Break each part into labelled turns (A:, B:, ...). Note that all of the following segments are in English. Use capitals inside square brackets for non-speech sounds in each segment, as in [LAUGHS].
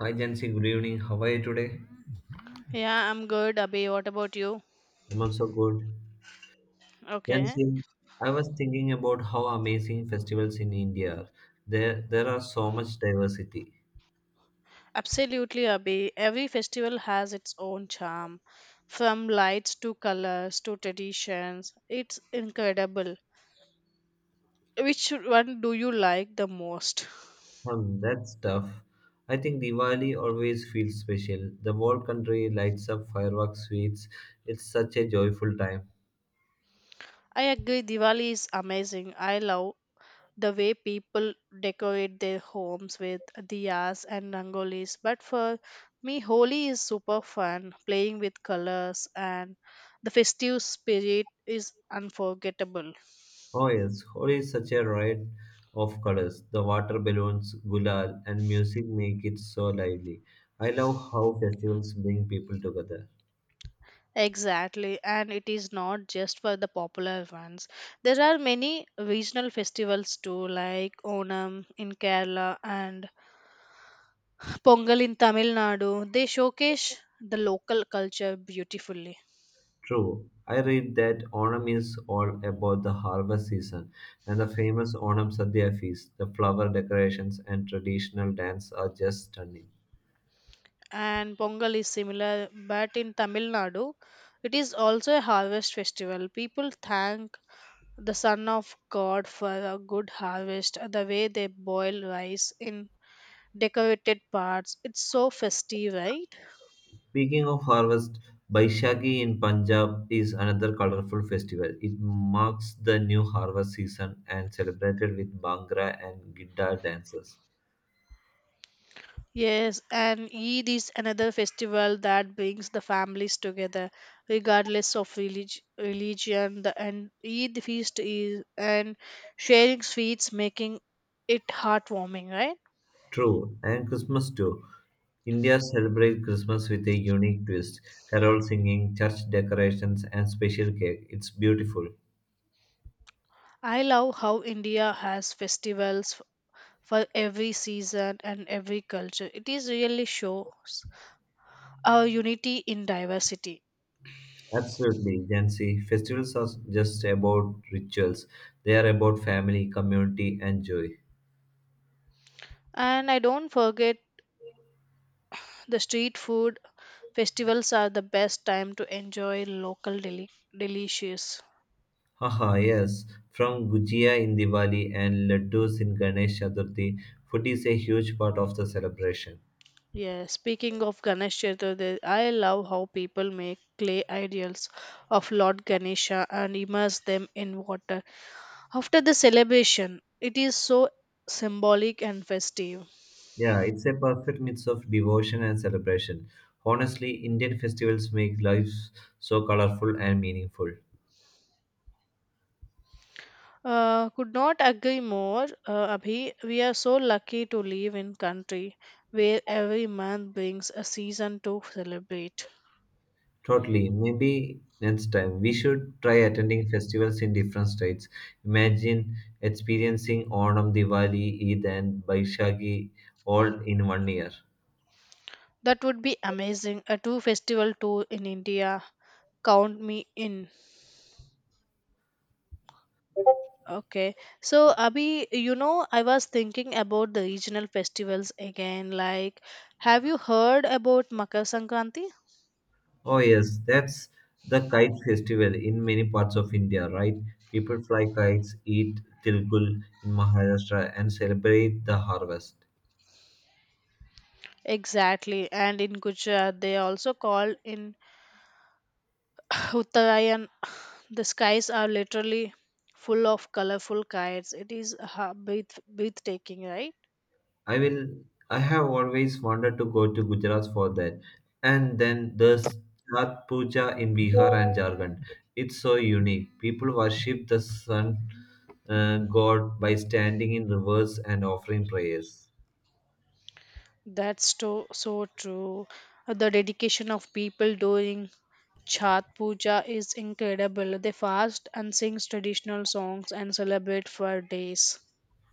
A: Hi Jansi, good evening. How are you today?
B: Yeah, I'm good, Abhi. What about you?
A: I'm also good.
B: Okay.
A: Jansi, I was thinking about how amazing festivals in India are. There are so much diversity.
B: Absolutely, Abhi. Every festival has its own charm, from lights to colors to traditions. It's incredible. Which one do you like the most?
A: Hmm, that's tough. I think Diwali always feels special. The whole country lights up fireworks, sweets. It's such a joyful time.
B: I agree, Diwali is amazing. I love the way people decorate their homes with diyas and rangolis. But for me, Holi is super fun, playing with colors, and the festive spirit is unforgettable.
A: Oh yes, Holi is such a riot of colors. The water balloons, gulal, and music make it so lively. I love how festivals bring people together.
B: Exactly, and it is not just for the popular ones. There are many regional festivals too, like Onam in Kerala and Pongal in Tamil Nadu. They showcase the local culture beautifully.
A: True. I read that Onam is all about the harvest season, and the famous Onam Sadhya feast, the flower decorations, and traditional dance are just stunning.
B: And Pongal is similar, but in Tamil Nadu, it is also a harvest festival. People thank the Son of God for a good harvest, the way they boil rice in decorated parts. It's so festive, right?
A: Speaking of harvest, Baishagi in Punjab is another colorful festival. It marks the new harvest season and celebrated with Bhangra and Gidda dances.
B: Yes, and Eid is another festival that brings the families together, regardless of religion. The and Eid feast is and sharing sweets, making it heartwarming. Right?
A: True, and Christmas too. India celebrates Christmas with a unique twist, carol singing, church decorations, and special cake. It's beautiful.
B: I love how India has festivals for every season and every culture. It is really shows our unity in diversity.
A: Absolutely, Jancy. Festivals are just about rituals. They are about family, community, and joy.
B: And I don't forget the street food. Festivals are the best time to enjoy local delicious.
A: Haha, yes. From Gujia in Diwali and laddus in Ganesh Chaturthi, food is a huge part of the celebration.
B: Yeah, speaking of Ganesh Chaturthi, I love how people make clay ideals of Lord Ganesha and immerse them in water. After the celebration, it is so symbolic and festive.
A: Yeah, it's a perfect mix of devotion and celebration. Honestly, Indian festivals make life so colorful and meaningful.
B: Could not agree more, Abhi. We are so lucky to live in country where every month brings a season to celebrate.
A: Totally. Maybe next time we should try attending festivals in different states. Imagine experiencing Onam, Diwali, Eid, and Baishagi all in one year.
B: That would be amazing. A two festival tour in India. Count me in. Okay. So, Abhi, I was thinking about the regional festivals again. Like, have you heard about Makar Sankranti?
A: Oh, yes, that's the kite festival in many parts of India, right? People fly kites, eat tilgul in Maharashtra, and celebrate the harvest.
B: Exactly. And in Gujarat, they also call in [SIGHS] Uttarayan. The skies are literally full of colorful kites. It is breathtaking, right?
A: I will. I have always wanted to go to Gujarat for that, and then the Chhat Puja in Bihar and Jharkhand. It's so unique. People worship the sun god by standing in rivers and offering prayers.
B: That's so true. The dedication of people during Chhat Puja is incredible. They fast and sing traditional songs and celebrate for days.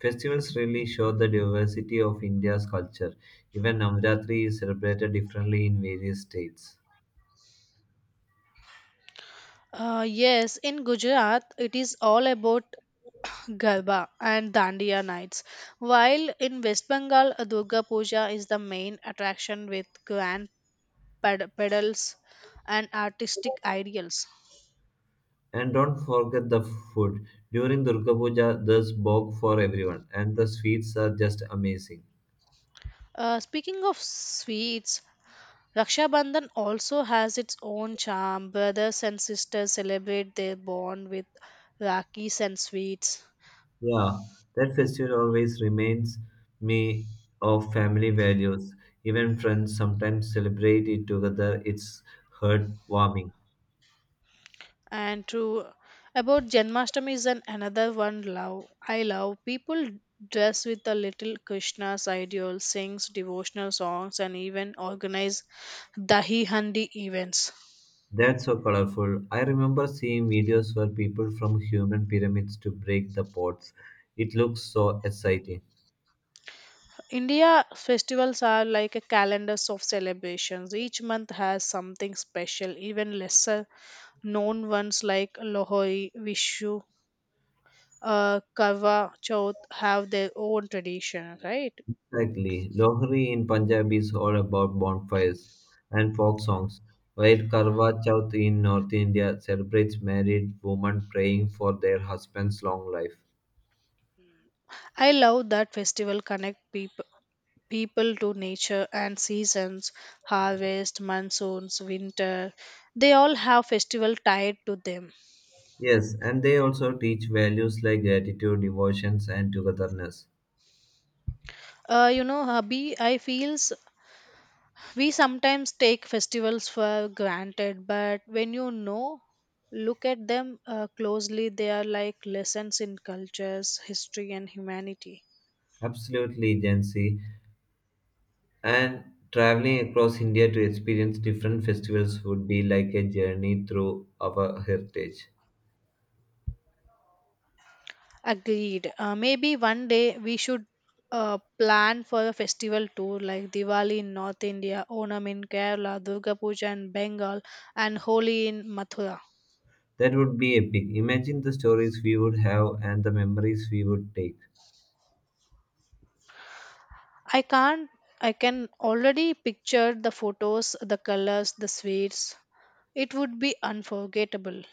A: Festivals really show the diversity of India's culture. Even Navratri is celebrated differently in various states.
B: Yes, in Gujarat, it is all about Garba and Dandiya nights. While in West Bengal, Durga Puja is the main attraction with grand pedals and artistic ideals.
A: And don't forget the food. During Durga Puja, there's bhog for everyone, and the sweets are just amazing.
B: Speaking of sweets, Raksha Bandhan also has its own charm. Brothers and sisters celebrate their bond with rakis and sweets.
A: Yeah, that festival always reminds me of family values. Even friends sometimes celebrate it together. It's heartwarming.
B: And true about Janmashtami is an another one love I love. People dress with a little Krishna's ideal, sings devotional songs, and even organize dahi handi events.
A: That's so colorful. I remember seeing videos where people from human pyramids to break the pots. It looks so exciting.
B: India festivals are like a calendars of celebrations. Each month has something special, even lesser known ones like Lohri, Vishu, Karwa Chauth have their own tradition, right?
A: Exactly. Lohri in Punjab is all about bonfires and folk songs, while Karwa Chauth in North India celebrates married women praying for their husband's long life.
B: I love that festival connect people to nature and seasons, harvest, monsoons, winter. They all have festival tied to them.
A: Yes, and they also teach values like gratitude, devotions, and togetherness.
B: You know, Habi, I feels we sometimes take festivals for granted, but when look at them closely, they are like lessons in cultures, history, and humanity.
A: Absolutely, Gen Z. And traveling across India to experience different festivals would be like a journey through our heritage.
B: Agreed. Maybe one day we should plan for a festival tour like Diwali in North India, Onam in Kerala, Durga Puja in Bengal, and Holi in Mathura.
A: That would be epic. Imagine the stories we would have and the memories we would take.
B: I can't. I can already picture the photos, the colors, the sweets. It would be unforgettable.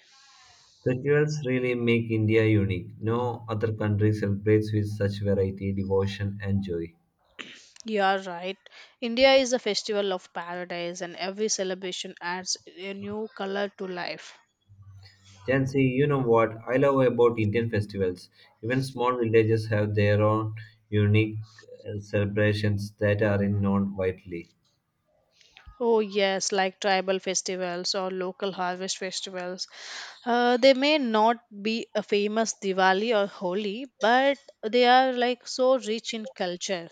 A: Festivals really make India unique. No other country celebrates with such variety, devotion, and joy.
B: You are right. India is a festival of paradise, and every celebration adds a new color to life.
A: Jansi, you know what I love about Indian festivals? Even small villages have their own unique celebrations that are known widely.
B: Oh, yes, like tribal festivals or local harvest festivals. They may not be a famous Diwali or Holi, but they are like so rich in culture.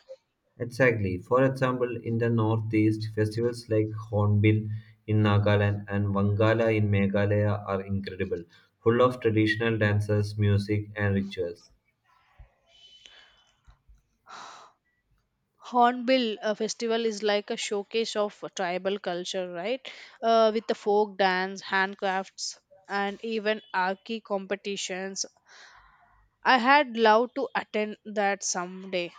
A: Exactly. For example, in the northeast, festivals like Hornbill in Nagaland and Wangala in Meghalaya are incredible, full of traditional dances, music, and rituals.
B: Hornbill festival is like a showcase of tribal culture, right? With the folk dance, handcrafts, and even archi competitions I had loved to attend that someday.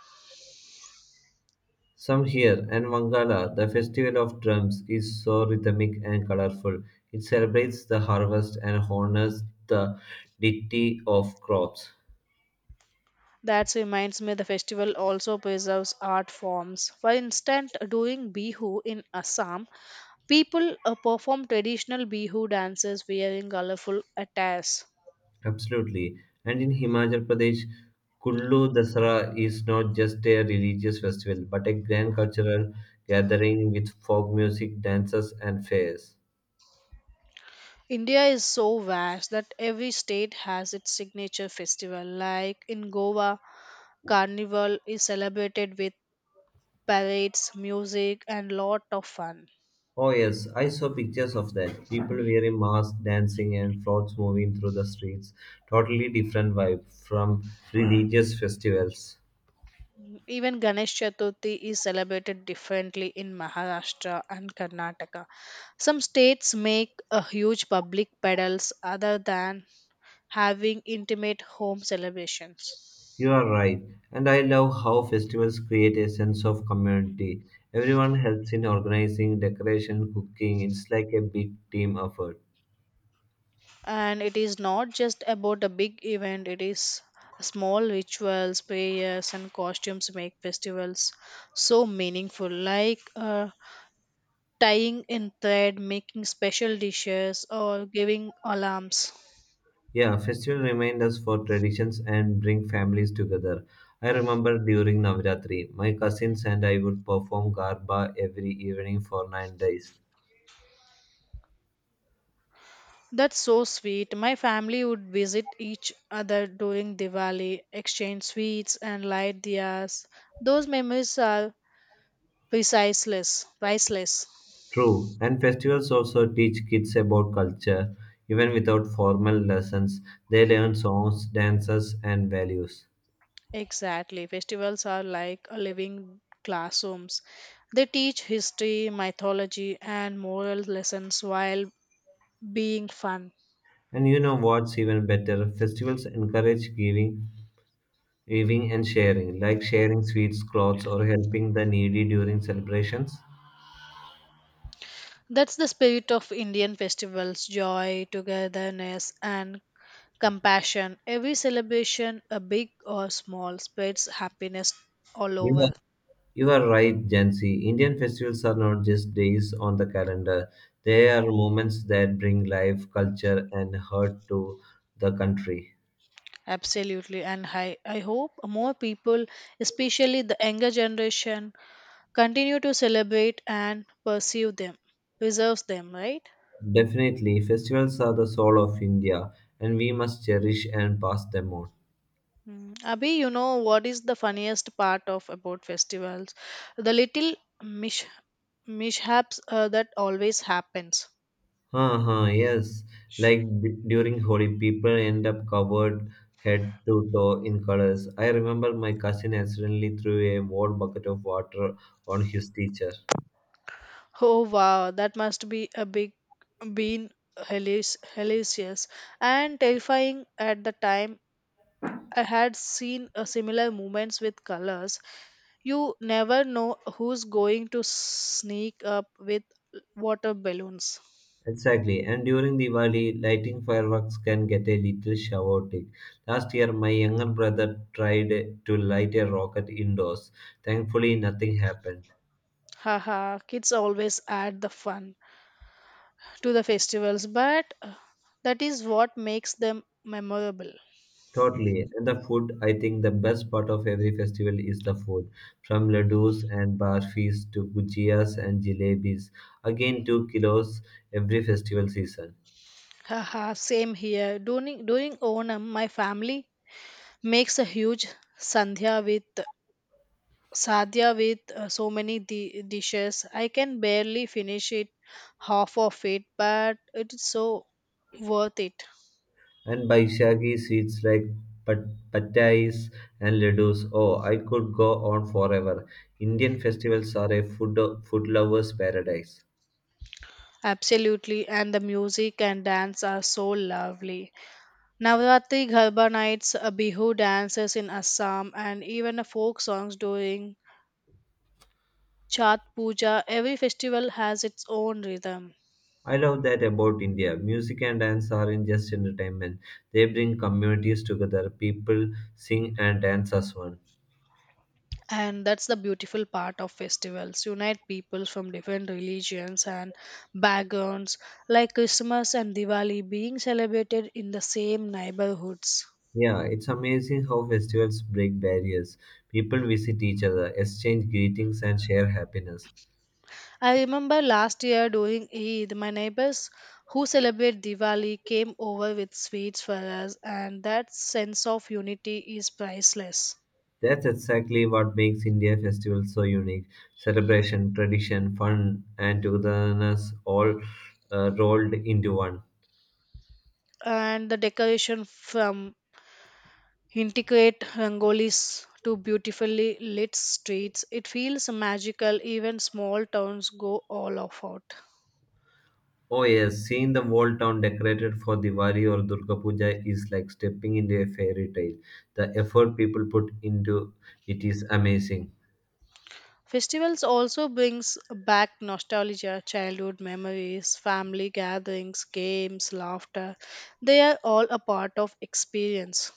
A: Some here and Wangala, the festival of drums, is so rhythmic and colorful. It celebrates the harvest and honors the deity of crops.
B: That reminds me the festival also preserves art forms. For instance, during Bihu in Assam, people perform traditional Bihu dances wearing colorful attires.
A: Absolutely. And in Himachal Pradesh, Kullu Dasara is not just a religious festival but a grand cultural gathering with folk music, dances, and fairs.
B: India is so vast that every state has its signature festival. Like in Goa, Carnival is celebrated with parades, music, and lot of fun.
A: Oh, yes, I saw pictures of that. People wearing masks, dancing, and floats moving through the streets. Totally different vibe from religious festivals.
B: Even Ganesh Chaturthi is celebrated differently in Maharashtra and Karnataka. Some states make a huge public pedals other than having intimate home celebrations.
A: You are right, and I love how festivals create a sense of community. Everyone helps in organizing, decoration, cooking. It's like a big team effort.
B: And it is not just about a big event, it is small rituals, prayers, and costumes make festivals so meaningful, like tying in thread, making special dishes, or giving alarms.
A: Yeah, festival remind us for traditions and bring families together. I remember during Navratri, my cousins and I would perform Garba every evening for 9 days.
B: That's so sweet. My family would visit each other during Diwali, exchange sweets, and light diyas. Those memories are priceless, priceless.
A: True, and festivals also teach kids about culture. Even without formal lessons, they learn songs, dances, and values.
B: Exactly. Festivals are like a living classrooms. They teach history, mythology, and moral lessons while being fun.
A: And you know what's even better? Festivals encourage giving, giving and sharing, like sharing sweets, clothes, or helping the needy during celebrations.
B: That's the spirit of Indian festivals joy, togetherness, and compassion. Every celebration, a big or small, spreads happiness all
A: You are,
B: over.
A: you are right, Jansi. Indian festivals are not just days on the calendar. They are moments that bring life, culture, and heart to the country.
B: Absolutely. And I hope more people, especially the younger generation, continue to celebrate and pursue them, preserves them, right?
A: Definitely, festivals are the soul of India, and we must cherish and pass them on.
B: Mm. Abhi, you know what is the funniest part of about festivals? The little mish mishaps that always happens.
A: Huh, huh, yes. Like during Holi, people end up covered head to toe in colors. I remember my cousin accidentally threw a whole bucket of water on his teacher.
B: Oh wow, that must be a big been hellacious and terrifying at the time. I had seen a similar movements with colors. You never know who's going to sneak up with water balloons.
A: Exactly. And during Diwali, lighting fireworks can get a little chaotic. Last year, my younger brother tried to light a rocket indoors. Thankfully, nothing happened.
B: Haha, kids always add the fun to the festivals, but that is what makes them memorable.
A: Totally. And the food, I think the best part of every festival is the food. From ladoos and barfis to gujias and jalebis. Again, 2 kilos every festival season.
B: Haha, same here. During Onam, my family makes a huge sandhya with sadhya with so many dishes. I can barely finish it half of it, but it is so worth it.
A: And Baishagi sweets like pattais and ladoos. Oh, I could go on forever. Indian festivals are a food lover's paradise.
B: Absolutely, and the music and dance are so lovely. Navratri Garba nights, Bihu dances in Assam, and even folk songs during Chat Puja. Every festival has its own rhythm.
A: I love that about India. Music and dance aren't just entertainment. They bring communities together. People sing and dance as one.
B: And that's the beautiful part of festivals unite people from different religions and backgrounds, like Christmas and Diwali being celebrated in the same neighborhoods.
A: Yeah, it's amazing how festivals break barriers. People visit each other, exchange greetings, and share happiness.
B: I remember last year during Eid my neighbors who celebrate Diwali came over with sweets for us, and that sense of unity is priceless.
A: That's exactly what makes India festival so unique. Celebration, tradition, fun, and togetherness all rolled into one.
B: And the decoration, from intricate rangolis to beautifully lit streets. It feels magical. Even small towns go all of out.
A: Oh yes, seeing the whole town decorated for Diwali or Durga Puja is like stepping into a fairy tale. The effort people put into it is amazing.
B: Festivals also brings back nostalgia, childhood memories, family gatherings, games, laughter. They are all a part of experience.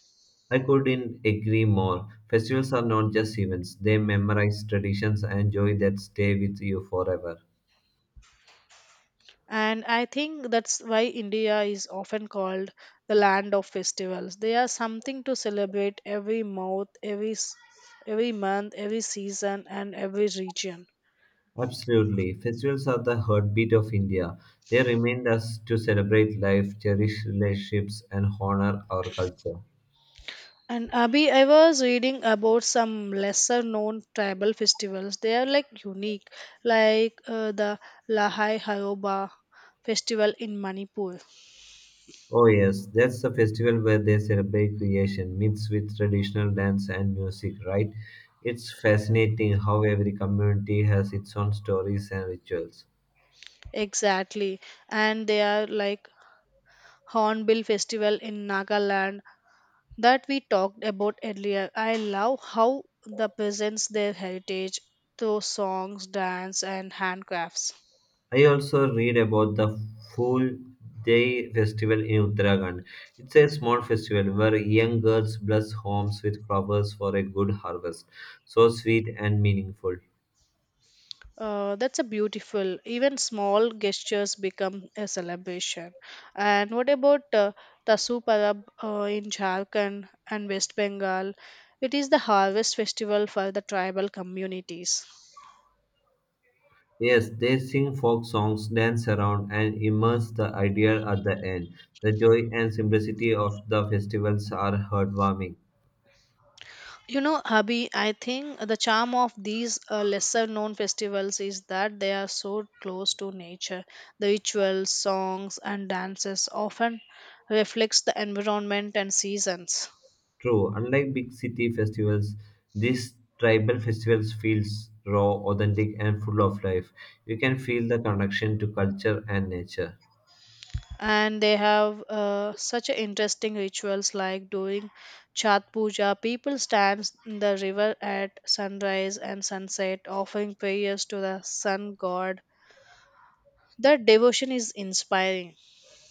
A: I couldn't agree more. Festivals are not just events, they memorize traditions and joy that stay with you forever.
B: And I think that's why India is often called the land of festivals. They are something to celebrate every month, every season and every region.
A: Absolutely. Festivals are the heartbeat of India. They remind us to celebrate life, cherish relationships, and honor our culture.
B: And Abhi, I was reading about some lesser known tribal festivals. They are like unique, like the Lahai Hayoba festival in Manipur.
A: Oh, yes, that's the festival where they celebrate creation, mixed with traditional dance and music, right? It's fascinating how every community has its own stories and rituals.
B: Exactly. And they are like Hornbill festival in Nagaland that we talked about earlier. I love how the presents their heritage through songs, dance, and handcrafts.
A: I also read about the Fool Day festival in Uttarakhand. It's a small festival where young girls bless homes with flowers for a good harvest. So sweet and meaningful.
B: That's a beautiful. Even small gestures become a celebration. And what about Tasu Parab in Jharkhand and West Bengal? It is the harvest festival for the tribal communities.
A: Yes, they sing folk songs, dance around, and immerse the idea at the end. The joy and simplicity of the festivals are heartwarming.
B: You know, Abhi, I think the charm of these lesser known festivals is that they are so close to nature. The rituals, songs, and dances often reflects the environment and seasons.
A: True, unlike big city festivals, these tribal festivals feels raw, authentic and full of life. You can feel the connection to culture and nature.
B: And they have such a interesting rituals, like during Chat Puja people stand in the river at sunrise and sunset offering prayers to the sun god. That devotion is inspiring.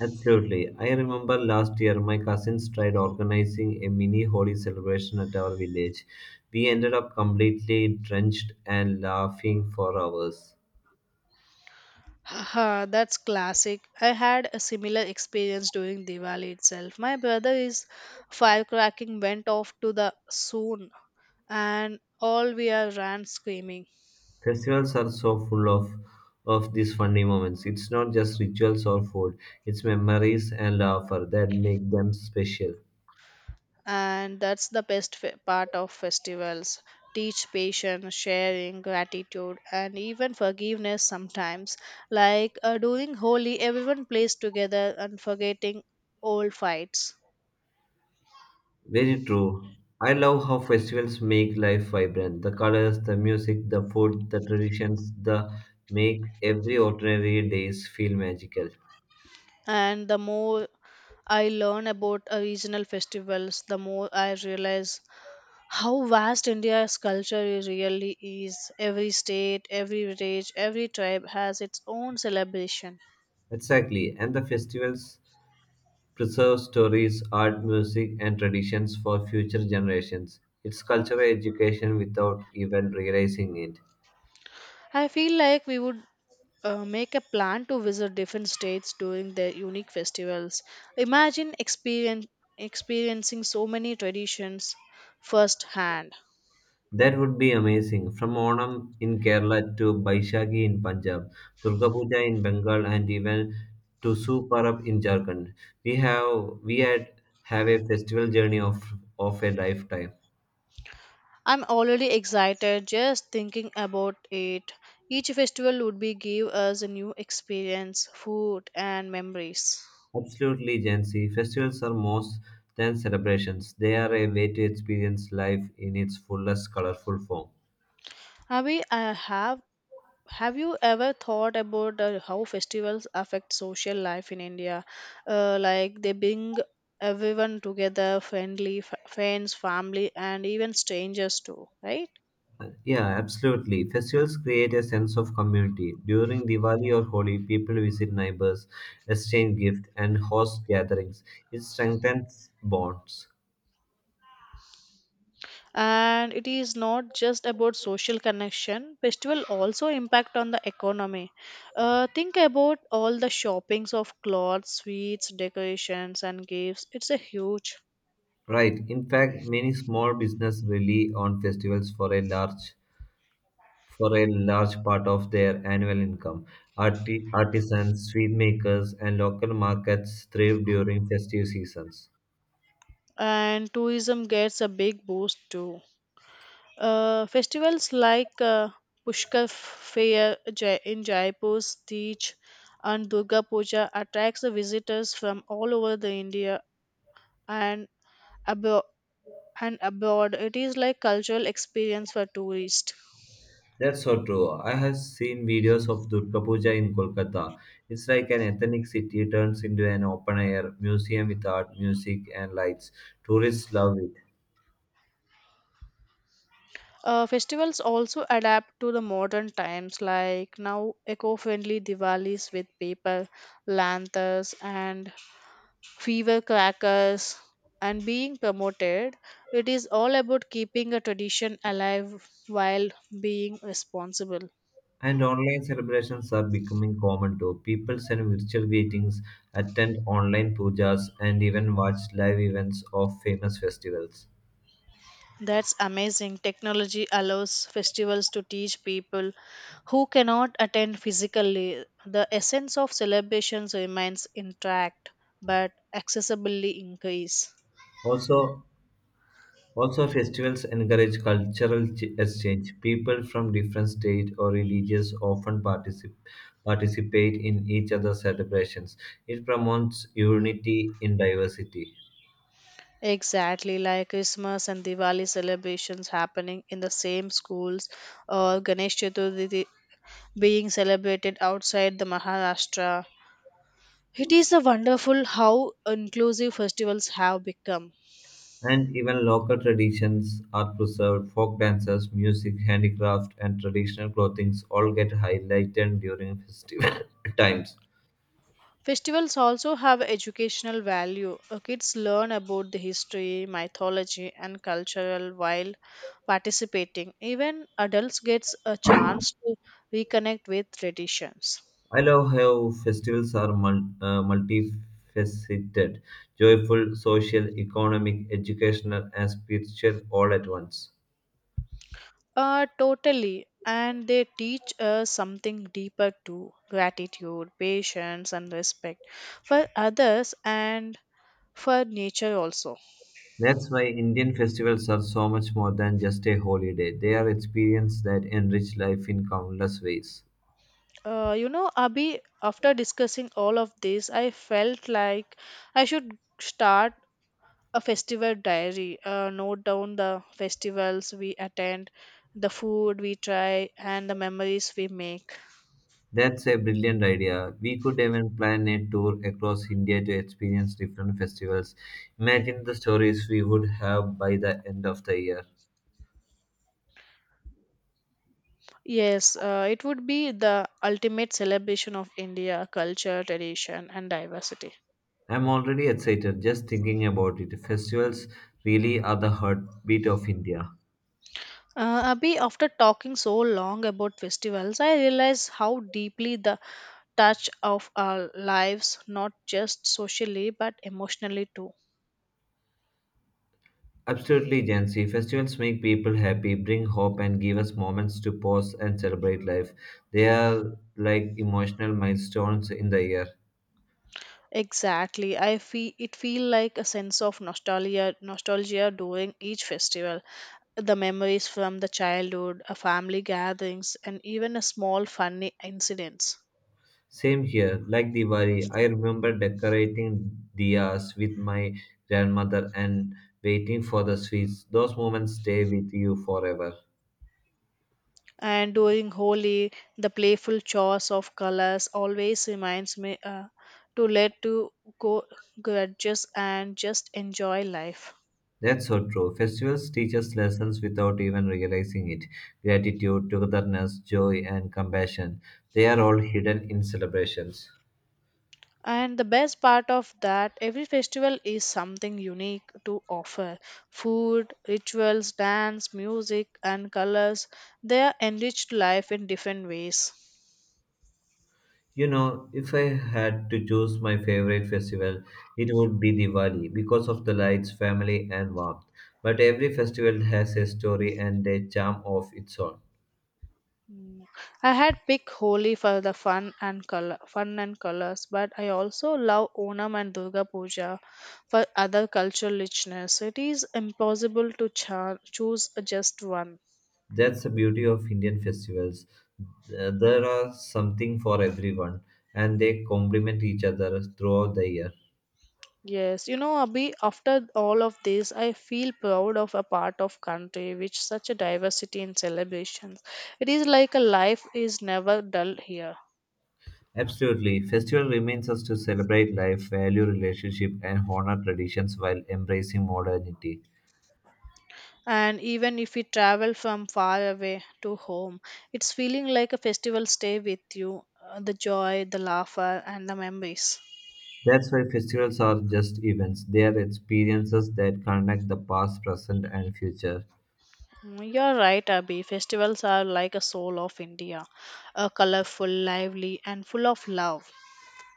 A: Absolutely. I remember last year my cousins tried organizing a mini holy celebration at our village. We ended up completely drenched and laughing for hours.
B: Haha, that's classic. I had a similar experience during Diwali itself. My brother is firecracking went off to the soon, and all we are ran screaming.
A: Festivals are so full of these funny moments. It's not just rituals or food, it's memories and laughter that make them special.
B: And that's the best part of festivals teach patience, sharing, gratitude, and even forgiveness sometimes. Like during Holi everyone plays together and forgetting old fights.
A: Very true. I love how festivals make life vibrant. The colors, the music, the food, the traditions, the make every ordinary days feel magical.
B: And the more I learn about regional festivals, the more I realize how vast India's culture really is. Every state, every village, every tribe has its own celebration.
A: Exactly. And the festivals preserve stories, art, music, and traditions for future generations. It's cultural education without even realizing it.
B: I feel like we would make a plan to visit different states during their unique festivals. Imagine experiencing so many traditions firsthand.
A: That would be amazing. From Onam in Kerala to Baishagi in Punjab, Durga Puja in Bengal, and even to Su Parab in Jharkhand, we have we had have a festival journey of a lifetime.
B: I'm already excited just thinking about it. Each festival would be give us a new experience, food and memories.
A: Absolutely, Gen Festivals are more than celebrations. They are a way to experience life in its fullest, colorful form.
B: Abhi, I have you ever thought about how festivals affect social life in India? Like they bring everyone together, friends, family, and even strangers too, right?
A: Yeah, absolutely. Festivals create a sense of community. During Diwali or Holi, people visit neighbors, exchange gifts, and host gatherings. It strengthens bonds.
B: And it is not just about social connection. Festival also impact on the economy. Think about all the shoppings of clothes, sweets, decorations, and gifts. It's a huge,
A: Right. In fact, many small businesses rely on festivals for a large part of their annual income. Artisans, sweet makers, and local markets thrive during festive seasons.
B: and tourism gets a big boost too. Festivals like Pushkar Fair in Jaipur, Teej, and Durga Puja attracts the visitors from all over the India and abroad. And abroad, it is like cultural experience for tourists.
A: That's so true. I have seen videos of Durga Puja in Kolkata. It's like an ethnic city turns into an open air museum with art, music, and lights. Tourists love it.
B: Festivals also adapt to the modern times, like now eco-friendly Diwalis with paper lanterns and fever crackers, and being promoted. It is all about keeping a tradition alive while being responsible.
A: And online celebrations are becoming common too. People send virtual greetings, attend online pujas, and even watch live events of famous festivals.
B: That's amazing. Technology allows festivals to teach people who cannot attend physically. The essence of celebrations remains intact, but accessibility increase.
A: Also, Also, festivals encourage cultural exchange. People from different states or religions often participate in each other's celebrations. It promotes unity in diversity.
B: Exactly, like Christmas and Diwali celebrations happening in the same schools or Ganesh Chaturthi being celebrated outside the Maharashtra. It is a wonderful how inclusive festivals have become.
A: And even local traditions are preserved. Folk dances, music, handicraft, and traditional clothings all get highlighted during [LAUGHS] festival [COUGHS] times.
B: Festivals also have educational value. Kids learn about the history, mythology, and cultural while participating. Even adults get a chance to reconnect with traditions.
A: I love how festivals are multifaceted, joyful, social, economic, educational, and spiritual all at once.
B: Totally. And they teach us something deeper too gratitude, patience, and respect for others and for nature also.
A: That's why Indian festivals are so much more than just a holiday. They are experiences that enrich life in countless ways.
B: You know, Abhi, after discussing all of this I felt like I should start a festival diary, note down the festivals we attend, the food we try, and the memories we make.
A: That's a brilliant idea. We could even plan a tour across India to experience different festivals. Imagine the stories we would have by the end of the year.
B: Yes, it would be the ultimate celebration of India culture, tradition, and diversity.
A: I'm already excited just thinking about it. Festivals really are the heartbeat of India.
B: Abhi after talking so long about festivals, I realize how deeply the touch of our lives not just socially but emotionally too.
A: Absolutely, Jancy. Festivals make people happy, bring hope, and give us moments to pause and celebrate life. They are like emotional milestones in the year.
B: Exactly, I feel it feel like a sense of nostalgia during each festival. The memories from the childhood, a family gatherings, and even a small funny incidents.
A: Same here, like Diwali, I remember decorating diyas with my grandmother and waiting for the sweets. Those moments stay with you forever.
B: And during Holi the playful chores of colors always reminds me to let to go grudges and just enjoy life.
A: That's so true. Festivals teach us lessons without even realizing it. Gratitude, togetherness, joy, and compassion. They are all hidden in celebrations.
B: And the best part of that, every festival is something unique to offer. Food, rituals, dance, music, and colors, they are enriched life in different ways.
A: You know, if I had to choose my favorite festival, it would be Diwali because of the lights, family, and warmth. But every festival has a story and a charm of its own.
B: Mm. I had picked Holi for the fun and colors, but I also love Onam and Durga Puja for other cultural richness. It is impossible to choose just one.
A: That's the beauty of Indian festivals. There are something for everyone, and they complement each other throughout the year.
B: Yes, you know, Abhi, after all of this, I feel proud of a part of country which such a diversity in celebrations. It is like a life is never dull here.
A: Absolutely. Festival remains us to celebrate life, value relationship, and honor traditions while embracing modernity.
B: And even if we travel from far away to home, it's feeling like a festival stay with you, the joy, the laughter, and the memories.
A: That's why festivals are just events. They are experiences that connect the past, present, and future.
B: Mm, you're right, Abhi. Festivals are like a soul of India, a colorful, lively, and full of love.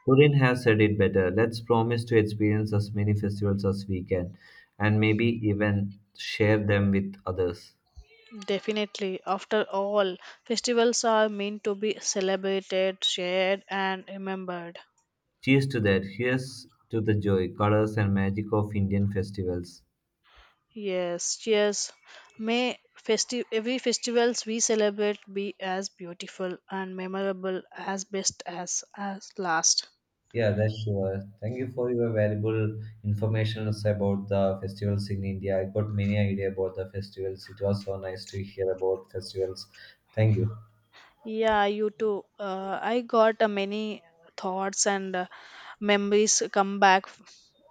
A: Purin has said it better. Let's promise to experience as many festivals as we can, and maybe even share them with others.
B: Definitely. After all, festivals are meant to be celebrated, shared, and remembered.
A: Cheers to that. Here's to the joy, colors, and magic of Indian festivals.
B: Yes, cheers. May every festivals we celebrate be as beautiful and memorable as best as last.
A: Yeah, that's sure. Thank you for your valuable information about the festivals in India. I got many idea about the festivals. It was so nice to hear about festivals. Thank you.
B: Yeah, you too. I got many thoughts and memories come back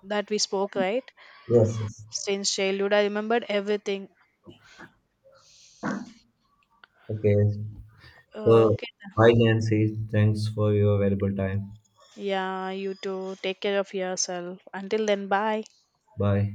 B: that we spoke right
A: Yes, yes.
B: since childhood. I remembered everything.
A: Okay.
B: Uh,
A: So,
B: okay.
A: bye, Nancy. Thanks for your valuable time.
B: Yeah, you too. Take care of yourself. Until then, bye.
A: Bye.